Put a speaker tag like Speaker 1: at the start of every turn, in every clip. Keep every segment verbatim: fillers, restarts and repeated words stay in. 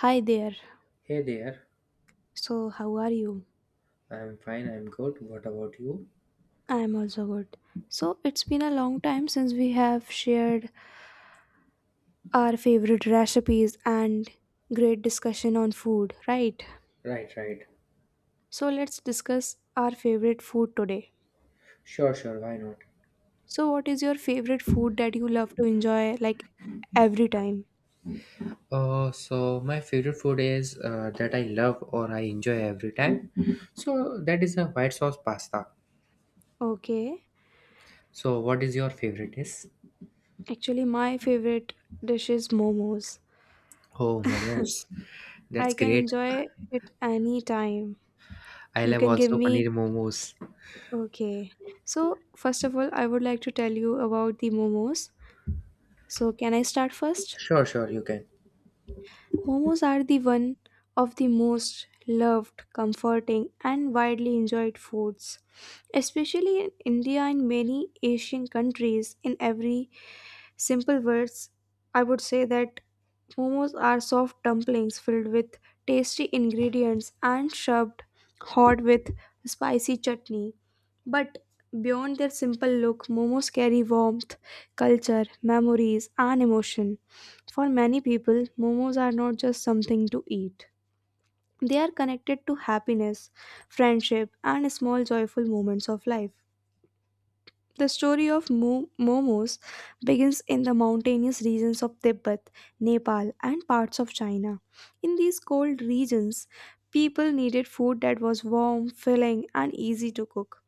Speaker 1: Hi there.
Speaker 2: Hey there.
Speaker 1: So, how are you?
Speaker 2: I'm fine, I'm good. What about you?
Speaker 1: I am also good. So, it's been a long time since we have shared our favorite recipes and great discussion on food, right?
Speaker 2: Right, right.
Speaker 1: So, let's discuss our favorite food today.
Speaker 2: Sure, sure, why not?
Speaker 1: So, what is your favorite food that you love to enjoy like every time?
Speaker 2: Uh, so my favorite food is uh, that I love or I enjoy every time. So that is a white sauce pasta.
Speaker 1: Okay.
Speaker 2: So what is your favorite is?
Speaker 1: Actually, my favorite dish is momos.
Speaker 2: Oh, momos.
Speaker 1: I
Speaker 2: That's
Speaker 1: can
Speaker 2: great.
Speaker 1: enjoy it any time.
Speaker 2: I
Speaker 1: You
Speaker 2: love
Speaker 1: can give
Speaker 2: also
Speaker 1: me.
Speaker 2: paneer momos.
Speaker 1: Okay. So, first of all, I would like to tell you about the momos. So, can I start first?
Speaker 2: Sure, sure, you can.
Speaker 1: Momos are the one of the most loved, comforting, and widely enjoyed foods, especially in India and many Asian countries in every. Simple words, I would say that momos are soft dumplings filled with tasty ingredients and served hot with spicy chutney. But beyond their simple look, momos carry warmth, culture, memories, and emotion. For many people, momos are not just something to eat. They are connected to happiness, friendship, and small joyful moments of life. The story of mo- momos begins in the mountainous regions of Tibet, Nepal, and parts of China. In these cold regions, people needed food that was warm, filling, and easy to cook.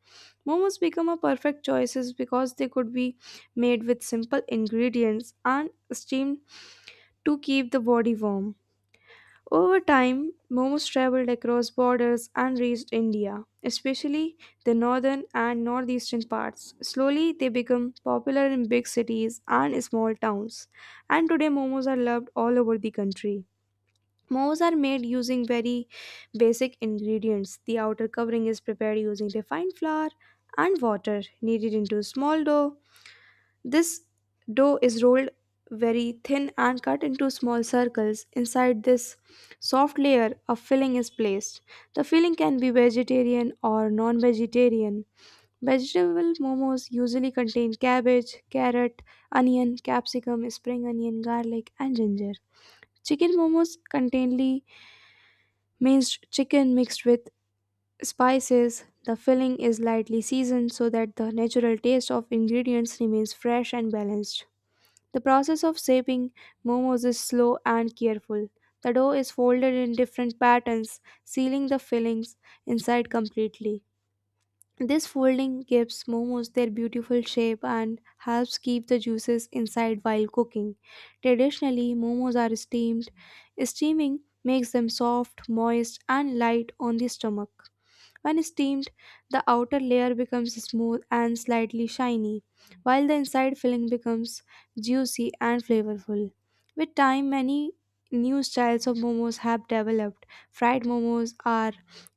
Speaker 1: Momos become a perfect choices because they could be made with simple ingredients and steamed to keep the body warm. Over time, momos traveled across borders and reached India, especially the northern and northeastern parts. Slowly, they became popular in big cities and small towns, and today momos are loved all over the country. Momos are made using very basic ingredients. The outer covering is prepared using refined flour and water kneaded into a small dough. This dough is rolled very thin and cut into small circles. Inside this soft layer, a filling is placed. The filling can be vegetarian or non vegetarian. Vegetable momos usually contain cabbage, carrot, onion, capsicum, spring onion, garlic, and ginger. Chicken momos contain minced chicken mixed with spices. The filling is lightly seasoned so that the natural taste of ingredients remains fresh and balanced. The process of shaping momos is slow and careful. The dough is folded in different patterns, sealing the fillings inside completely. This folding gives momos their beautiful shape and helps keep the juices inside while cooking. Traditionally, momos are steamed. Steaming makes them soft, moist, and light on the stomach. When steamed, the outer layer becomes smooth and slightly shiny, while the inside filling becomes juicy and flavorful. With time, many new styles of momos have developed. Fried momos are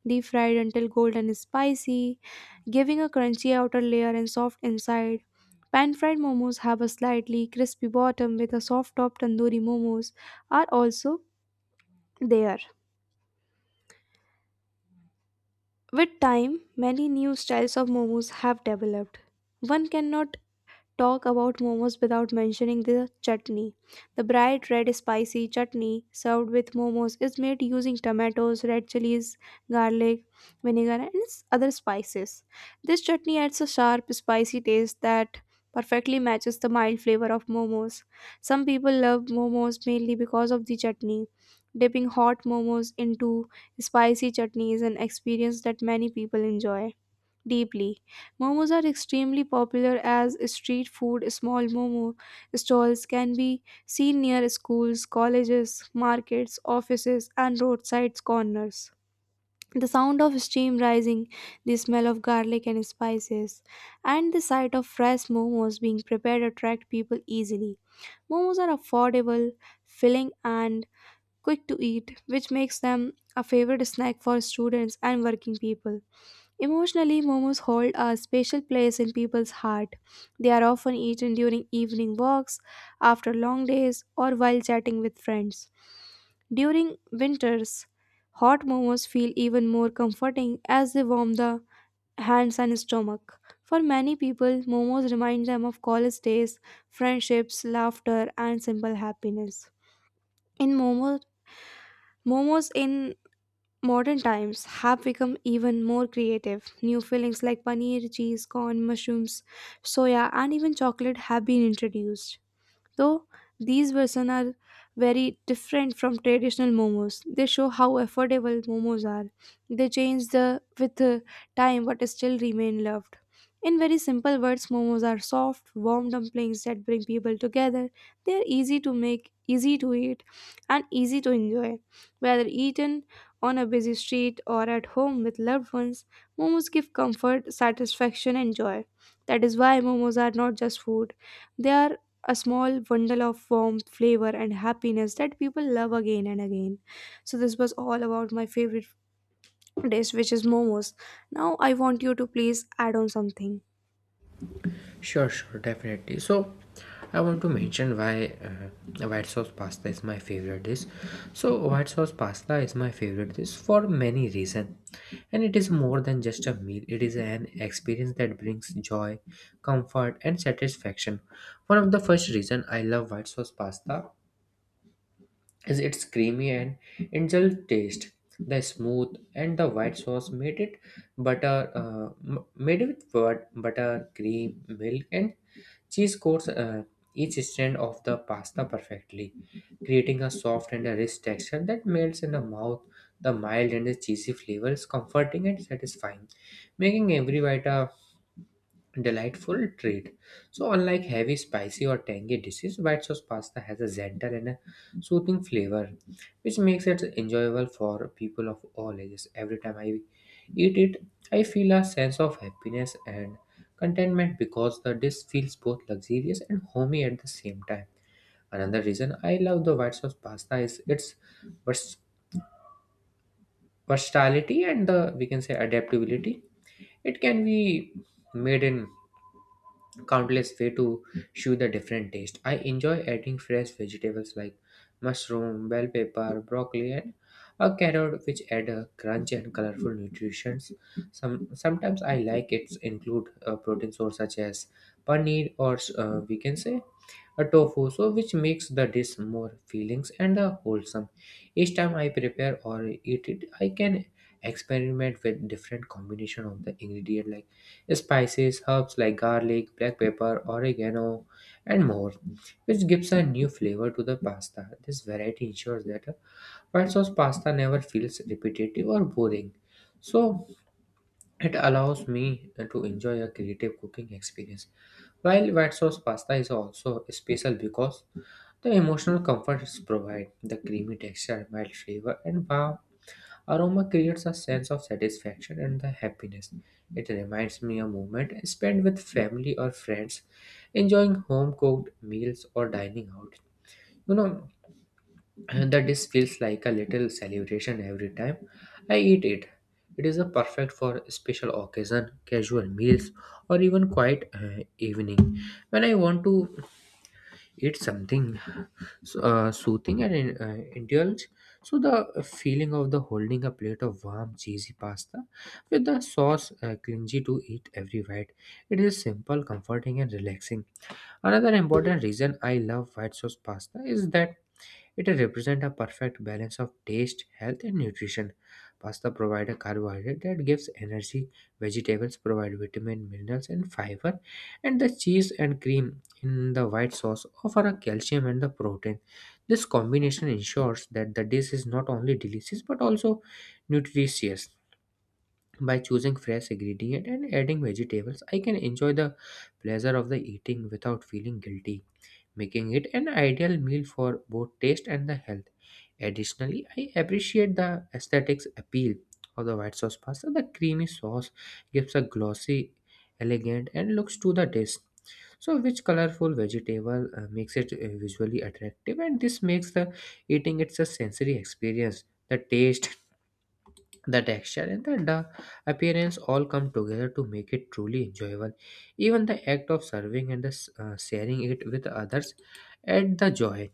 Speaker 1: deep fried until golden spicy, giving a crunchy outer layer and soft inside. Pan fried momos have a slightly crispy bottom with a soft top. Tandoori momos are also there. With time, many new styles of momos have developed. One cannot talk about momos without mentioning the chutney. The bright red spicy chutney served with momos is made using tomatoes, red chilies, garlic, vinegar, and s- other spices. This chutney adds a sharp, spicy taste that perfectly matches the mild flavor of momos. Some people love momos mainly because of the chutney. Dipping hot momos into spicy chutney is an experience that many people enjoy deeply. Momos are extremely popular as street food. Small momo stalls can be seen near schools, colleges, markets, offices, and roadside corners. The sound of steam rising, the smell of garlic and spices, and the sight of fresh momos being prepared attract people easily. Momos are affordable, filling, and quick to eat, which makes them a favorite snack for students and working people. Emotionally, momos hold a special place in people's heart. They are often eaten during evening walks, after long days, or while chatting with friends. During winters, hot momos feel even more comforting as they warm the hands and stomach. For many people, momos remind them of college days, friendships, laughter, and simple happiness. In momos, momos in modern times have become even more creative. New fillings like paneer, cheese, corn, mushrooms, soya, and even chocolate have been introduced. Though these versions are very different from traditional momos, they show how affordable momos are. They change the with the time but still remain loved. In very simple words, momos are soft, warm dumplings that bring people together. They are easy to make, easy to eat, and easy to enjoy. Whether eaten on a busy street or at home with loved ones, momos give comfort, satisfaction, and joy. That is why momos are not just food, they are a small bundle of warmth, flavor, and happiness that people love again and again. So, this was all about my favorite dish, which is momos. Now, I want you to please add on something.
Speaker 2: Sure, sure, definitely. So, I want to mention why uh, white sauce pasta is my favorite dish. So, white sauce pasta is my favorite dish for many reasons, and it is more than just a meal. It is an experience that brings joy, comfort, and satisfaction. One of the first reason I love white sauce pasta is its creamy and indulgent taste. The smooth and the white sauce made it butter uh, m- made it with bur- butter, cream, milk, and cheese coats uh, each strand of the pasta perfectly, creating a soft and a rich texture that melts in the mouth. The mild and the cheesy flavor is comforting and satisfying, making every bite a delightful treat. So, unlike heavy, spicy, or tangy dishes, white sauce pasta has a gentle and a soothing flavor, which makes it enjoyable for people of all ages. Every time I eat it, I feel a sense of happiness and contentment because the dish feels both luxurious and homey at the same time. Another reason I love the white sauce pasta is its vers- versatility and the, we can say, adaptability. It can be made in countless way to show the different taste. I enjoy adding fresh vegetables like mushroom, bell pepper, broccoli, and a carrot, which add a crunch and colorful nutritions. Some sometimes I like it include a protein source such as paneer or uh, we can say a tofu, so which makes the dish more feelings and uh, wholesome. Each time I prepare or eat it, I can experiment with different combination of the ingredient like spices, herbs like garlic, black pepper, oregano, and more, which gives a new flavor to the pasta. This variety ensures that uh, white sauce pasta never feels repetitive or boring. So it allows me to enjoy a creative cooking experience. While white sauce pasta is also special because the emotional comforts provide the creamy texture, mild flavor, and warm aroma creates a sense of satisfaction and the happiness. It reminds me of moment spent with family or friends, enjoying home cooked meals or dining out. You know, the dish feels like a little celebration every time I eat it. It is a perfect for special occasion, casual meals, or even quiet uh, evening when I want to eat something so- uh, soothing and uh, indulge. So the feeling of the holding a plate of warm cheesy pasta with the sauce uh, clingy to eat every bite. It is simple, comforting, and relaxing. Another important reason I love white sauce pasta is that it represents a perfect balance of taste, health, and nutrition. Pasta provides a carbohydrate that gives energy, vegetables provide vitamin, minerals, and fiber, and the cheese and cream in the white sauce offer a calcium and the protein. This combination ensures that the dish is not only delicious but also nutritious. By choosing fresh ingredient and adding vegetables, I can enjoy the pleasure of the eating without feeling guilty, making it an ideal meal for both taste and the health. Additionally, I appreciate the aesthetics appeal of the white sauce pasta. The creamy sauce gives a glossy, elegant, and looks to the dish. So, which colorful vegetable uh, makes it uh, visually attractive, and this makes the eating it's a sensory experience. The taste, the texture, and the, the appearance all come together to make it truly enjoyable. Even the act of serving and the, s- uh, sharing it with others add the joy.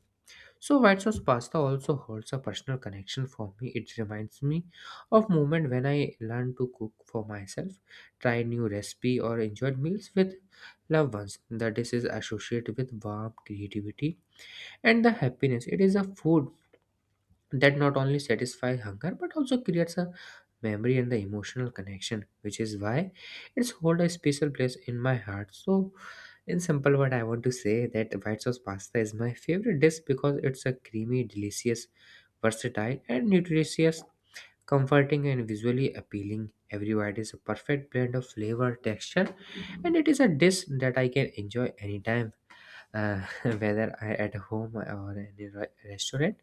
Speaker 2: So white sauce pasta also holds a personal connection for me. It reminds me of moment when I learned to cook for myself, try new recipe or enjoyed meals with loved ones. The dish is associated with warmth, creativity, and the happiness. It is a food that not only satisfies hunger but also creates a memory and the emotional connection, which is why it's hold a special place in my heart. So in simple word, I want to say that white sauce pasta is my favorite dish because it's a creamy, delicious, versatile, and nutritious, comforting, and visually appealing. Every bite is a perfect blend of flavor, texture, and it is a dish that I can enjoy anytime, uh, whether I at home or any re- restaurant.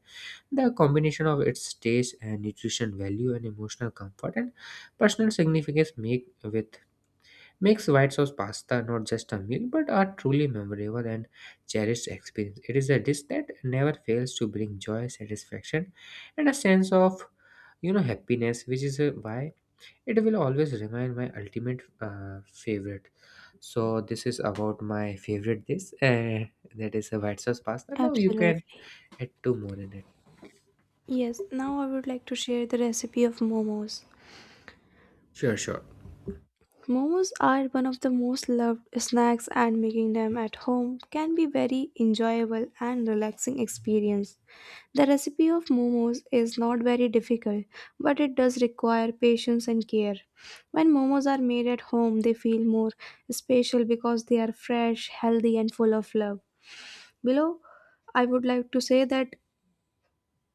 Speaker 2: The combination of its taste and nutrition value and emotional comfort and personal significance make with makes white sauce pasta not just a meal but a truly memorable and cherished experience. It is a dish that never fails to bring joy, satisfaction, and a sense of you know happiness, which is uh, why it will always remain my ultimate uh, favorite. So this is about my favorite dish, uh, that is a white sauce pasta. Now you can
Speaker 1: Absolutely.
Speaker 2: add two more in it.
Speaker 1: Yes, now I would like to share the recipe of momos.
Speaker 2: Sure, sure.
Speaker 1: Momos are one of the most loved snacks and making them at home can be very enjoyable and relaxing experience. The recipe of momos is not very difficult, but it does require patience and care. When momos are made at home, they feel more special because they are fresh, healthy, and full of love. Below, I would like to say that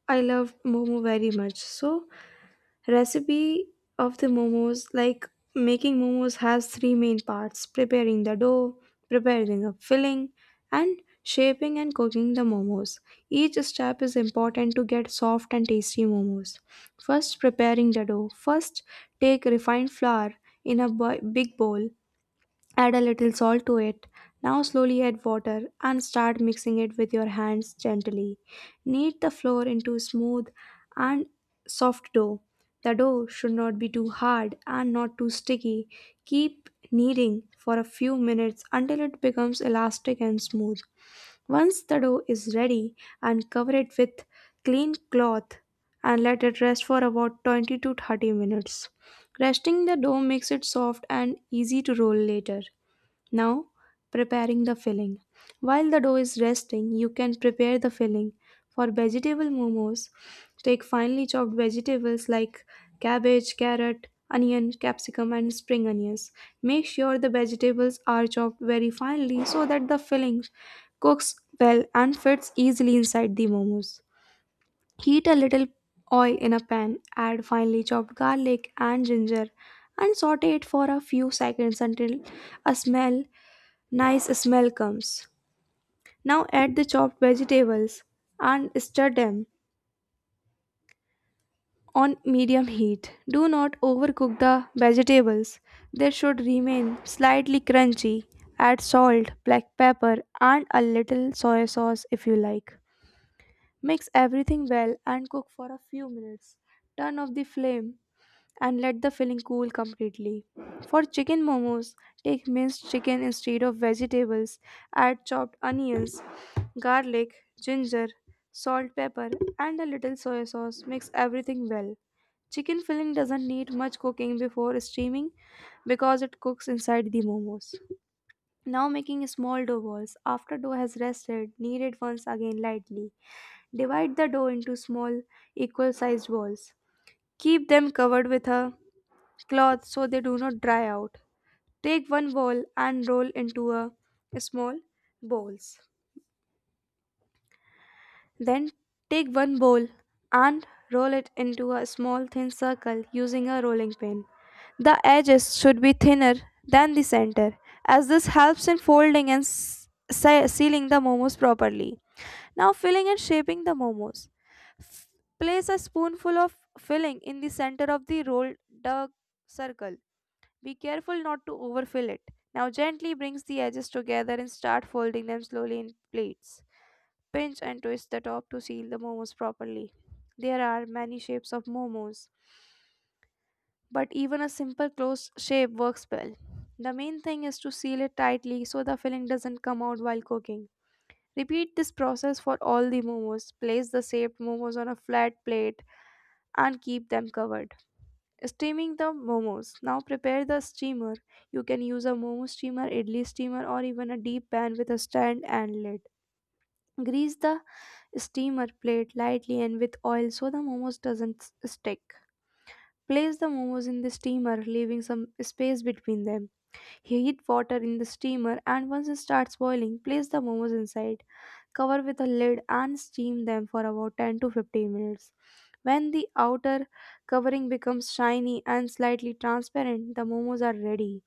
Speaker 1: I love momo very much. So, recipe of the momos, like making momos, has three main parts: preparing the dough, preparing a filling, and shaping and cooking the momos. Each step is important to get soft and tasty momos. First, preparing the dough. First, take refined flour in a bu- big bowl. Add a little salt to it. Now slowly add water and start mixing it with your hands gently. Knead the flour into smooth and soft dough. The dough should not be too hard and not too sticky. Keep kneading for a few minutes until it becomes elastic and smooth. Once the dough is ready, and cover it with clean cloth and let it rest for about twenty to thirty minutes. Resting the dough makes it soft and easy to roll later. Now, preparing the filling. While the dough is resting, you can prepare the filling. For vegetable momos, take finely chopped vegetables like cabbage, carrot, onion, capsicum, and spring onions. Make sure the vegetables are chopped very finely so that the filling cooks well and fits easily inside the momos. Heat a little oil in a pan, add finely chopped garlic and ginger, and saute it for a few seconds until a smell. Nice smell comes. Now add the chopped vegetables and stir them on medium heat. Do not overcook the vegetables. They should remain slightly crunchy. Add salt, black pepper, and a little soy sauce if you like. Mix everything well and cook for a few minutes. Turn off the flame and let the filling cool completely. For chicken momos, take minced chicken instead of vegetables, add chopped onions, garlic, ginger, salt, pepper, and a little soy sauce. Mix everything well. Chicken filling doesn't need much cooking before steaming because it cooks inside the momos. Now making small dough balls. After dough has rested, knead it once again lightly. Divide the dough into small equal sized balls. Keep them covered with a cloth so they do not dry out. Take one ball and roll into a small balls. Then take one ball and roll it into a small thin circle using a rolling pin. The edges should be thinner than the center as this helps in folding and s- se- sealing the momos properly. Now filling and shaping the momos. Place a spoonful of filling in the center of the rolled duck circle. Be careful not to overfill it. Now gently brings the edges together and start folding them slowly in plates. Pinch and twist the top to seal the momos properly. There are many shapes of momos, but even a simple closed shape works well. The main thing is to seal it tightly so the filling doesn't come out while cooking. Repeat this process for all the momos. Place the shaped momos on a flat plate and keep them covered. Steaming the momos. Now prepare the steamer. You can use a momo steamer, idli steamer, or even a deep pan with a stand and lid. Grease the steamer plate lightly and with oil so the momos doesn't s- stick. Place the momos in the steamer, leaving some space between them. Heat water in the steamer and once it starts boiling, place the momos inside. Cover with a lid and steam them for about ten to fifteen minutes. When the outer covering becomes shiny and slightly transparent, the momos are ready.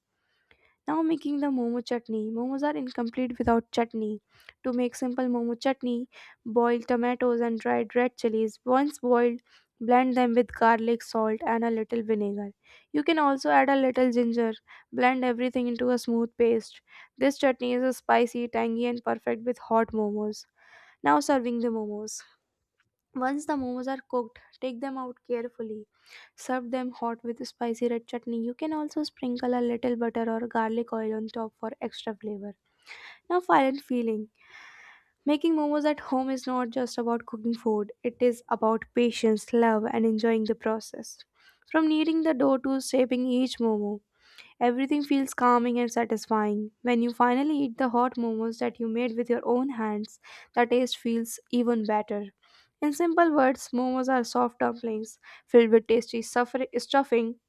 Speaker 1: Now making the momo chutney. Momos are incomplete without chutney. To make simple momo chutney, boil tomatoes and dried red chilies. Once boiled, blend them with garlic, salt, and a little vinegar. You can also add a little ginger. Blend everything into a smooth paste. This chutney is spicy, tangy, and perfect with hot momos. Now serving the momos. Once the momos are cooked, take them out carefully. Serve them hot with spicy red chutney. You can also sprinkle a little butter or garlic oil on top for extra flavor. Now, final feeling. Making momos at home is not just about cooking food, it is about patience, love, and enjoying the process. From kneading the dough to shaping each momo, everything feels calming and satisfying. When you finally eat the hot momos that you made with your own hands, the taste feels even better. In simple words, momos are soft dumplings filled with tasty suffering, stuffing,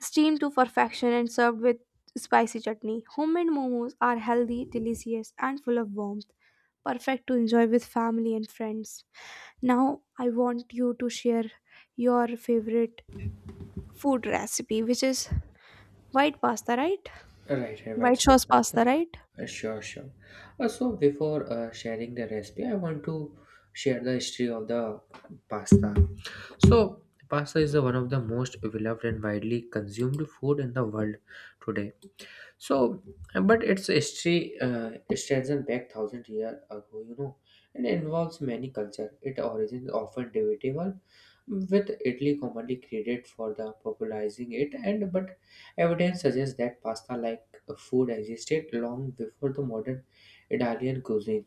Speaker 1: steamed to perfection, and served with spicy chutney. Homemade momos are healthy, delicious, and full of warmth, perfect to enjoy with family and friends. Now, I want you to share your favorite food recipe, which is white pasta, right?
Speaker 2: Right, right. White
Speaker 1: White
Speaker 2: sauce
Speaker 1: sauce
Speaker 2: pasta.
Speaker 1: pasta, right?
Speaker 2: Uh, sure, sure. Uh, so before uh, sharing the recipe, I want to share the history of the pasta. So pasta is the one of the most beloved and widely consumed food in the world today. So, but its history uh, strengthened back thousand years ago, you know, and involves many cultures. Its origin is often debatable, with Italy commonly credited for the popularizing it, and but evidence suggests that pasta-like food existed long before the modern Italian cuisine.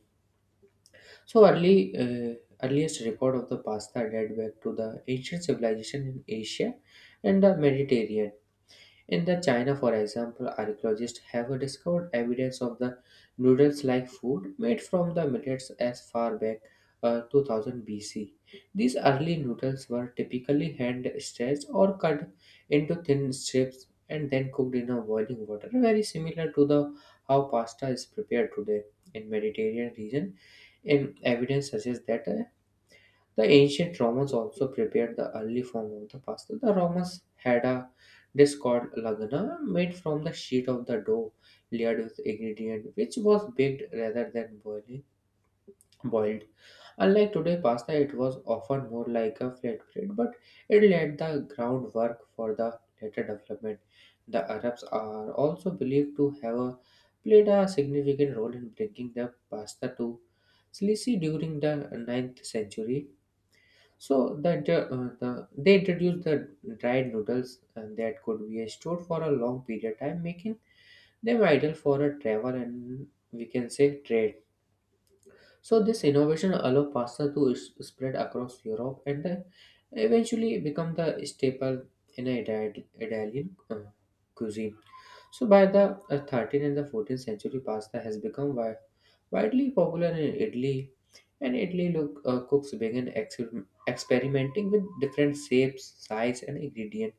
Speaker 2: So, early uh, earliest record of the pasta date back to the ancient civilization in Asia and the Mediterranean. In the China, for example, archaeologists have discovered evidence of the noodles-like food made from the millets as far back, uh, two thousand B C. These early noodles were typically hand-stretched or cut into thin strips and then cooked in a boiling water, very similar to the how pasta is prepared today. In Mediterranean region, and evidence suggests that uh, the ancient Romans also prepared the early form of the pasta. The Romans had a dish called lagana made from the sheet of the dough layered with ingredient which was baked rather than boiling boiled. Unlike today pasta it was often more like a flatbread, but it laid the groundwork for the later development. The Arabs are also believed to have a- played a significant role in bringing the pasta to Sicily during the ninth century. So the, the, uh, the they introduced the dried noodles uh, that could be stored for a long period of time, making them ideal for a travel and we can say trade. So this innovation allowed pasta to s- spread across Europe and uh, eventually become the staple in a Ita- Italian, uh, cuisine. So by the uh, thirteenth and the fourteenth century, pasta has become wi- widely popular in Italy, and Italy look, uh, cooks began ex- experimenting with different shapes, size, and ingredients.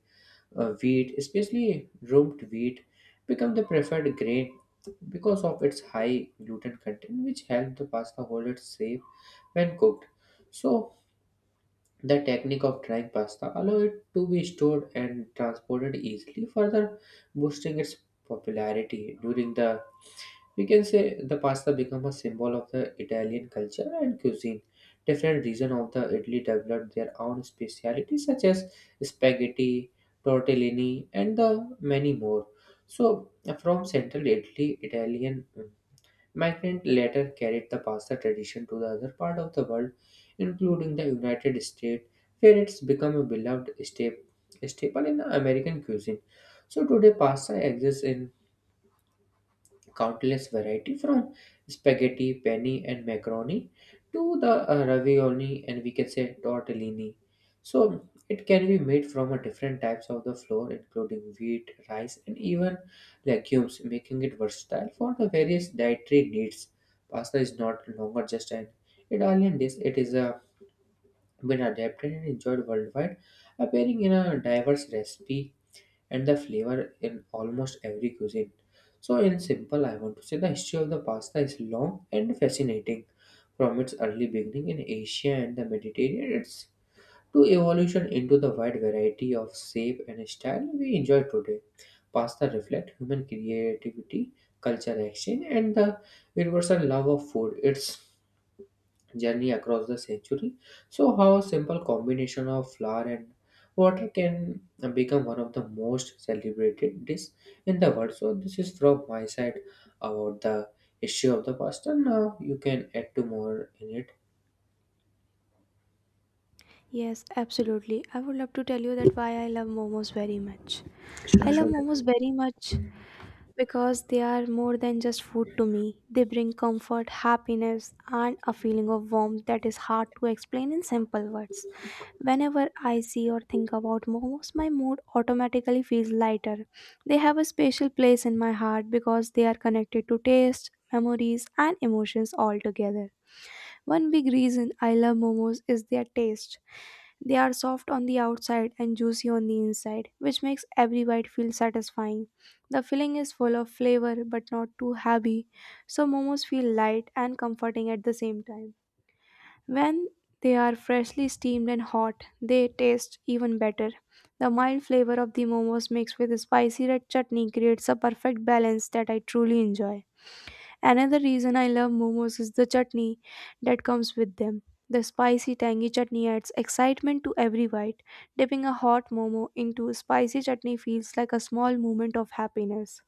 Speaker 2: uh, Wheat, especially rubbed wheat, become the preferred grain because of its high gluten content, which help the pasta hold it safe when cooked. So the technique of drying pasta allow it to be stored and transported easily, further boosting its popularity during the, we can say, the pasta become a symbol of the Italian culture and cuisine. Different regions of the Italy developed their own specialities such as spaghetti, tortellini, and the many more. So from central Italy, Italian migrant later carried the pasta tradition to the other part of the world, including the United States, where it's become a beloved sta- staple in the American cuisine. So today, pasta exists in countless variety from spaghetti, penne, and macaroni to the uh, ravioli and we can say tortellini. So it can be made from a different types of the flour, including wheat, rice, and even legumes, making it versatile for the various dietary needs. Pasta is not longer just an Italian dish; it is a been adapted and enjoyed worldwide, appearing in a diverse recipe and the flavor in almost every cuisine. So, in simple, I want to say the history of the pasta is long and fascinating. From its early beginning in Asia and the Mediterranean, it's to evolution into the wide variety of shape and style we enjoy today. Pasta reflects human creativity, culture exchange, and the universal love of food. It's journey across the century. So, how a simple combination of flour and water can become one of the most celebrated dish in the world. So, this is from my side about the issue of the pasta. Now, you can add to more in it.
Speaker 1: Yes, absolutely. I would love to tell you that why I love momos very much.
Speaker 2: Sure,
Speaker 1: I love
Speaker 2: sure,
Speaker 1: momos
Speaker 2: definitely.
Speaker 1: very much because they are more than just food to me. They bring comfort, happiness, and a feeling of warmth that is hard to explain in simple words. Whenever I see or think about momos, my mood automatically feels lighter. They have a special place in my heart because they are connected to taste, memories, and emotions all together. One big reason I love momos is their taste. They are soft on the outside and juicy on the inside, which makes every bite feel satisfying. The filling is full of flavor but not too heavy, so momos feel light and comforting at the same time. When they are freshly steamed and hot, they taste even better. The mild flavor of the momos mixed with spicy red chutney creates a perfect balance that I truly enjoy. Another reason I love momos is the chutney that comes with them. The spicy tangy chutney adds excitement to every bite. Dipping a hot momo into spicy chutney feels like a small moment of happiness.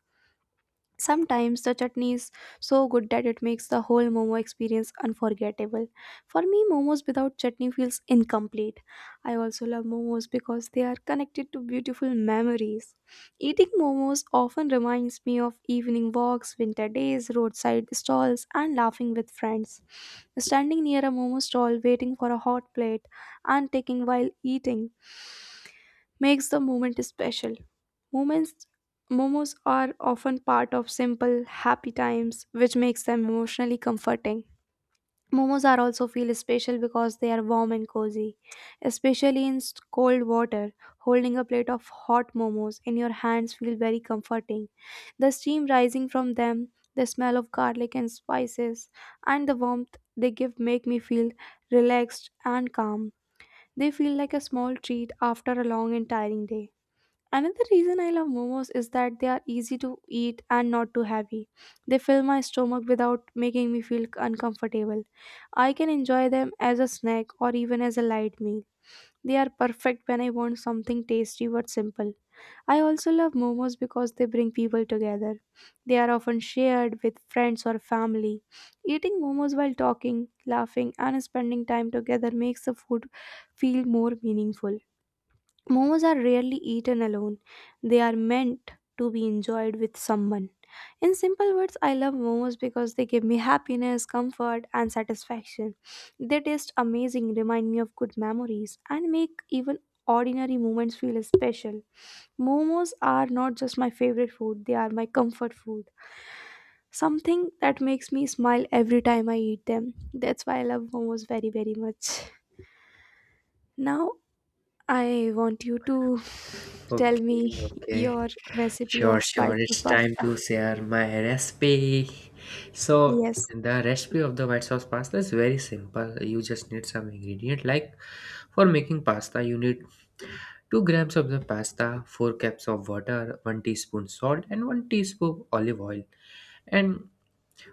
Speaker 1: Sometimes the chutney is so good that it makes the whole momo experience unforgettable. For me, momos without chutney feels incomplete. I also love momos because they are connected to beautiful memories. Eating momos often reminds me of evening walks, winter days, roadside stalls, and laughing with friends. Standing near a momo stall, waiting for a hot plate, and taking while eating makes the moment special. Moments, momos are often part of simple, happy times, which makes them emotionally comforting. Momos are also feel special because they are warm and cozy, especially in s- cold water. Holding a plate of hot momos in your hands feel very comforting. The steam rising from them, the smell of garlic and spices, and the warmth they give make me feel relaxed and calm. They feel like a small treat after a long and tiring day. Another reason I love momos is that they are easy to eat and not too heavy. They fill my stomach without making me feel uncomfortable. I can enjoy them as a snack or even as a light meal. They are perfect when I want something tasty but simple. I also love momos because they bring people together. They are often shared with friends or family. Eating momos while talking, laughing, and spending time together makes the food feel more meaningful. Momos are rarely eaten alone. They are meant to be enjoyed with someone. In simple words, I love momos because they give me happiness, comfort, and satisfaction. They taste amazing, remind me of good memories, and make even ordinary moments feel special. Momos are not just my favorite food, they are my comfort food. Something that makes me smile every time I eat them. That's why I love momos very, very much. Now, I want you to tell
Speaker 2: Okay,
Speaker 1: me
Speaker 2: okay.
Speaker 1: your recipe
Speaker 2: Sure,
Speaker 1: of
Speaker 2: sure.
Speaker 1: white sauce
Speaker 2: It's time
Speaker 1: pasta.
Speaker 2: to share my recipe. So,
Speaker 1: Yes,
Speaker 2: the recipe of the white sauce pasta is very simple. You just need some ingredient. Like for making pasta, you need two grams of the pasta, four cups of water, one teaspoon salt and one teaspoon olive oil. And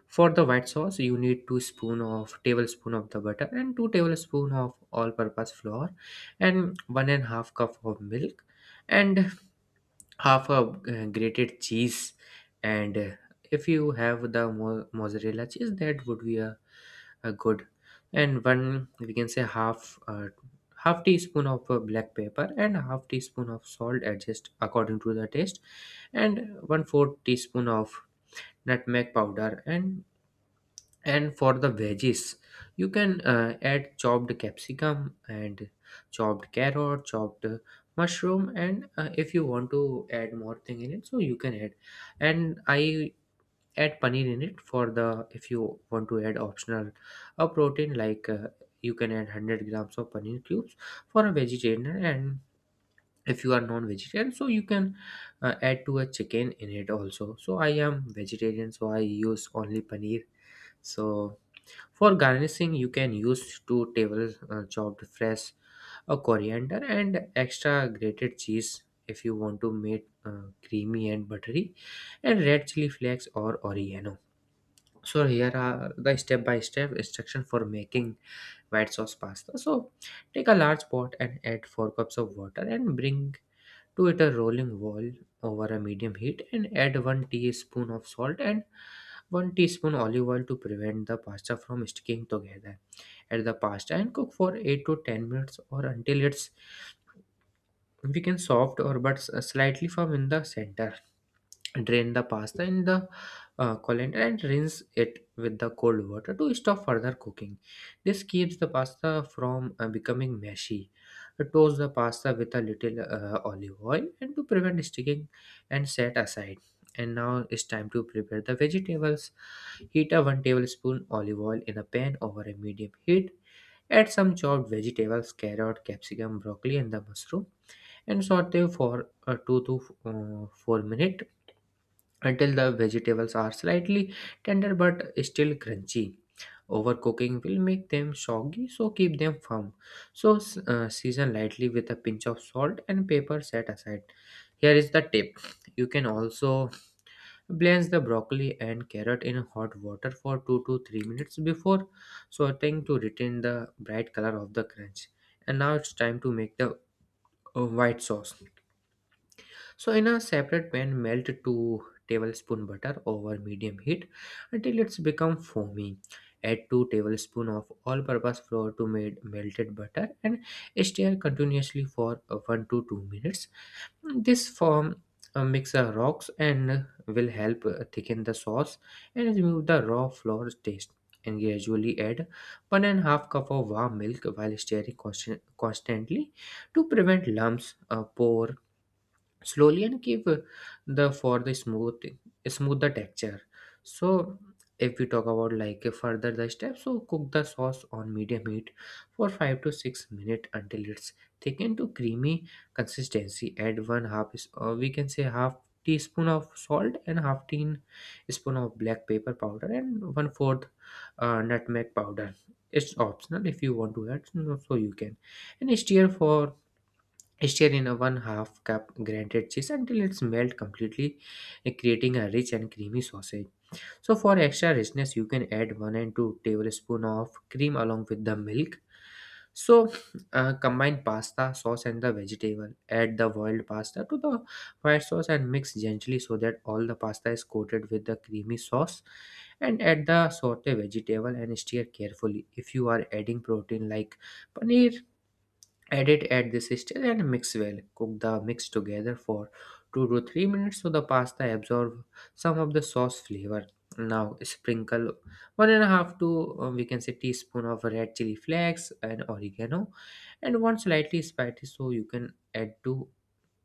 Speaker 2: for the white sauce, you need two spoon of tablespoon of the butter and two tablespoon of all purpose flour and one and half cup of milk and half a uh, grated cheese and uh, if you have the mo- mozzarella cheese that would be a uh, good, and one we can say half uh, half teaspoon of uh, black pepper and half teaspoon of salt, adjust according to the taste, and one fourth teaspoon of nutmeg powder. And and for the veggies, you can uh, add chopped capsicum and chopped carrot, chopped uh, mushroom, and uh, if you want to add more thing in it, so you can add. And i add paneer in it, for the if you want to add optional a protein like uh, you can add one hundred grams of paneer cubes for a vegetarian. And if you are non-vegetarian, so you can uh, add to a chicken in it also. So I am vegetarian, so I use only paneer. So for garnishing, you can use two table uh, chopped fresh a coriander and extra grated cheese. If you want to make uh, creamy and buttery, and red chili flakes or oregano. So here are the step-by-step instruction for making white sauce pasta. So take a large pot and add four cups of water and bring to it a rolling boil over a medium heat, and add one teaspoon of salt and one teaspoon olive oil to prevent the pasta from sticking together. Add the pasta and cook for eight to ten minutes, or until it's we can soft or but slightly firm in the center. Drain the pasta in the uh, colander and rinse it with the cold water to stop further cooking. This keeps the pasta from uh, becoming meshy. Uh, Toast the pasta with a little uh, olive oil and to prevent sticking, and set aside. And now it's time to prepare the vegetables. Heat a one tablespoon olive oil in a pan over a medium heat. Add some chopped vegetables, carrot, capsicum, broccoli, and the mushroom, and saute for uh, two to uh, four minutes until the vegetables are slightly tender but still crunchy. Overcooking will make them soggy, so keep them firm. So, s- uh, season lightly with a pinch of salt and pepper, set aside. Here is the tip, you can also blanch the broccoli and carrot in hot water for two to three minutes before sauteing to retain the bright color of the crunch. And now it's time to make the uh, white sauce. So in a separate pan, melt two tablespoon butter over medium heat until it's become foamy. Add two tablespoon of all-purpose flour to made melted butter and stir continuously for uh, one to two minutes. This form uh, mixer rocks and will help uh, thicken the sauce and remove the raw flour taste. And gradually add one and a half cup of warm milk while stirring constant- constantly to prevent lumps, uh, pore slowly and give the for the smooth, smooth the texture. So if we talk about like further the steps, so cook the sauce on medium heat for five to six minutes until it's thickened to creamy consistency. Add one half is- uh, we can say half teaspoon of salt and half teaspoon of black pepper powder and one fourth uh, nutmeg powder. It's optional, if you want to add no, so you can. And stir for, stir in a one half cup grated cheese until it's melt completely, eh, creating a rich and creamy sausage. So for extra richness, you can add one and two tablespoon of cream along with the milk. So uh, combine pasta sauce and the vegetable. Add the boiled pasta to the white sauce and mix gently so that all the pasta is coated with the creamy sauce. And add the saute vegetable and stir carefully. If you are adding protein like paneer, add it at this stage and mix well. Cook the mix together for two to three minutes so the pasta absorb some of the sauce flavor. Now sprinkle one and a half to uh, we can say teaspoon of red chili flakes and oregano, and one slightly spicy so you can add to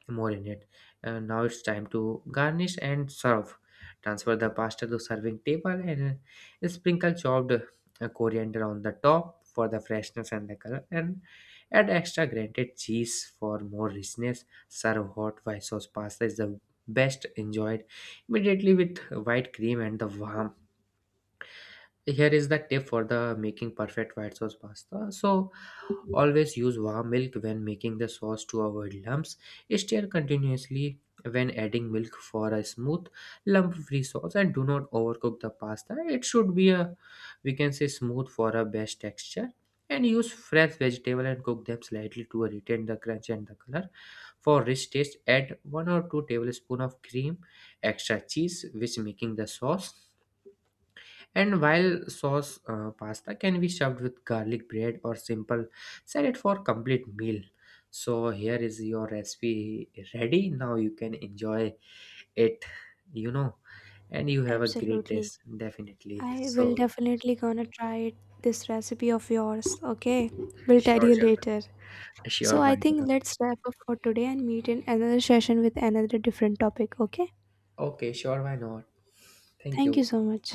Speaker 2: more in it. And now it's time to garnish and serve. Transfer the pasta to serving table and uh, sprinkle chopped uh, coriander on the top for the freshness and the color, and add extra grated cheese for more richness. Serve hot. White sauce pasta is the best enjoyed immediately with white cream and the warm. Here is the tip for the making perfect white sauce pasta, so always use warm milk when making the sauce to avoid lumps. Stir continuously when adding milk for a smooth lump free sauce, and do not overcook the pasta, it should be a we can say smooth for a best texture. And use fresh vegetable and cook them slightly to retain the crunch and the color. For rich taste, add one or two tablespoon of cream, extra cheese which making the sauce. And while sauce uh, pasta can be served with garlic bread or simple salad for complete meal. So here is your recipe ready. Now you can enjoy it, you know, and you have a great
Speaker 1: absolutely.
Speaker 2: taste definitely.
Speaker 1: I will
Speaker 2: So
Speaker 1: definitely gonna try it, this recipe of yours, okay? We'll tell
Speaker 2: sure,
Speaker 1: you
Speaker 2: sure,
Speaker 1: later. So
Speaker 2: sure,
Speaker 1: I
Speaker 2: why
Speaker 1: think
Speaker 2: not?
Speaker 1: let's wrap up for today and meet in another session with another different topic, okay?
Speaker 2: Okay, sure, why not? Thank
Speaker 1: Thank you
Speaker 2: you.
Speaker 1: so much.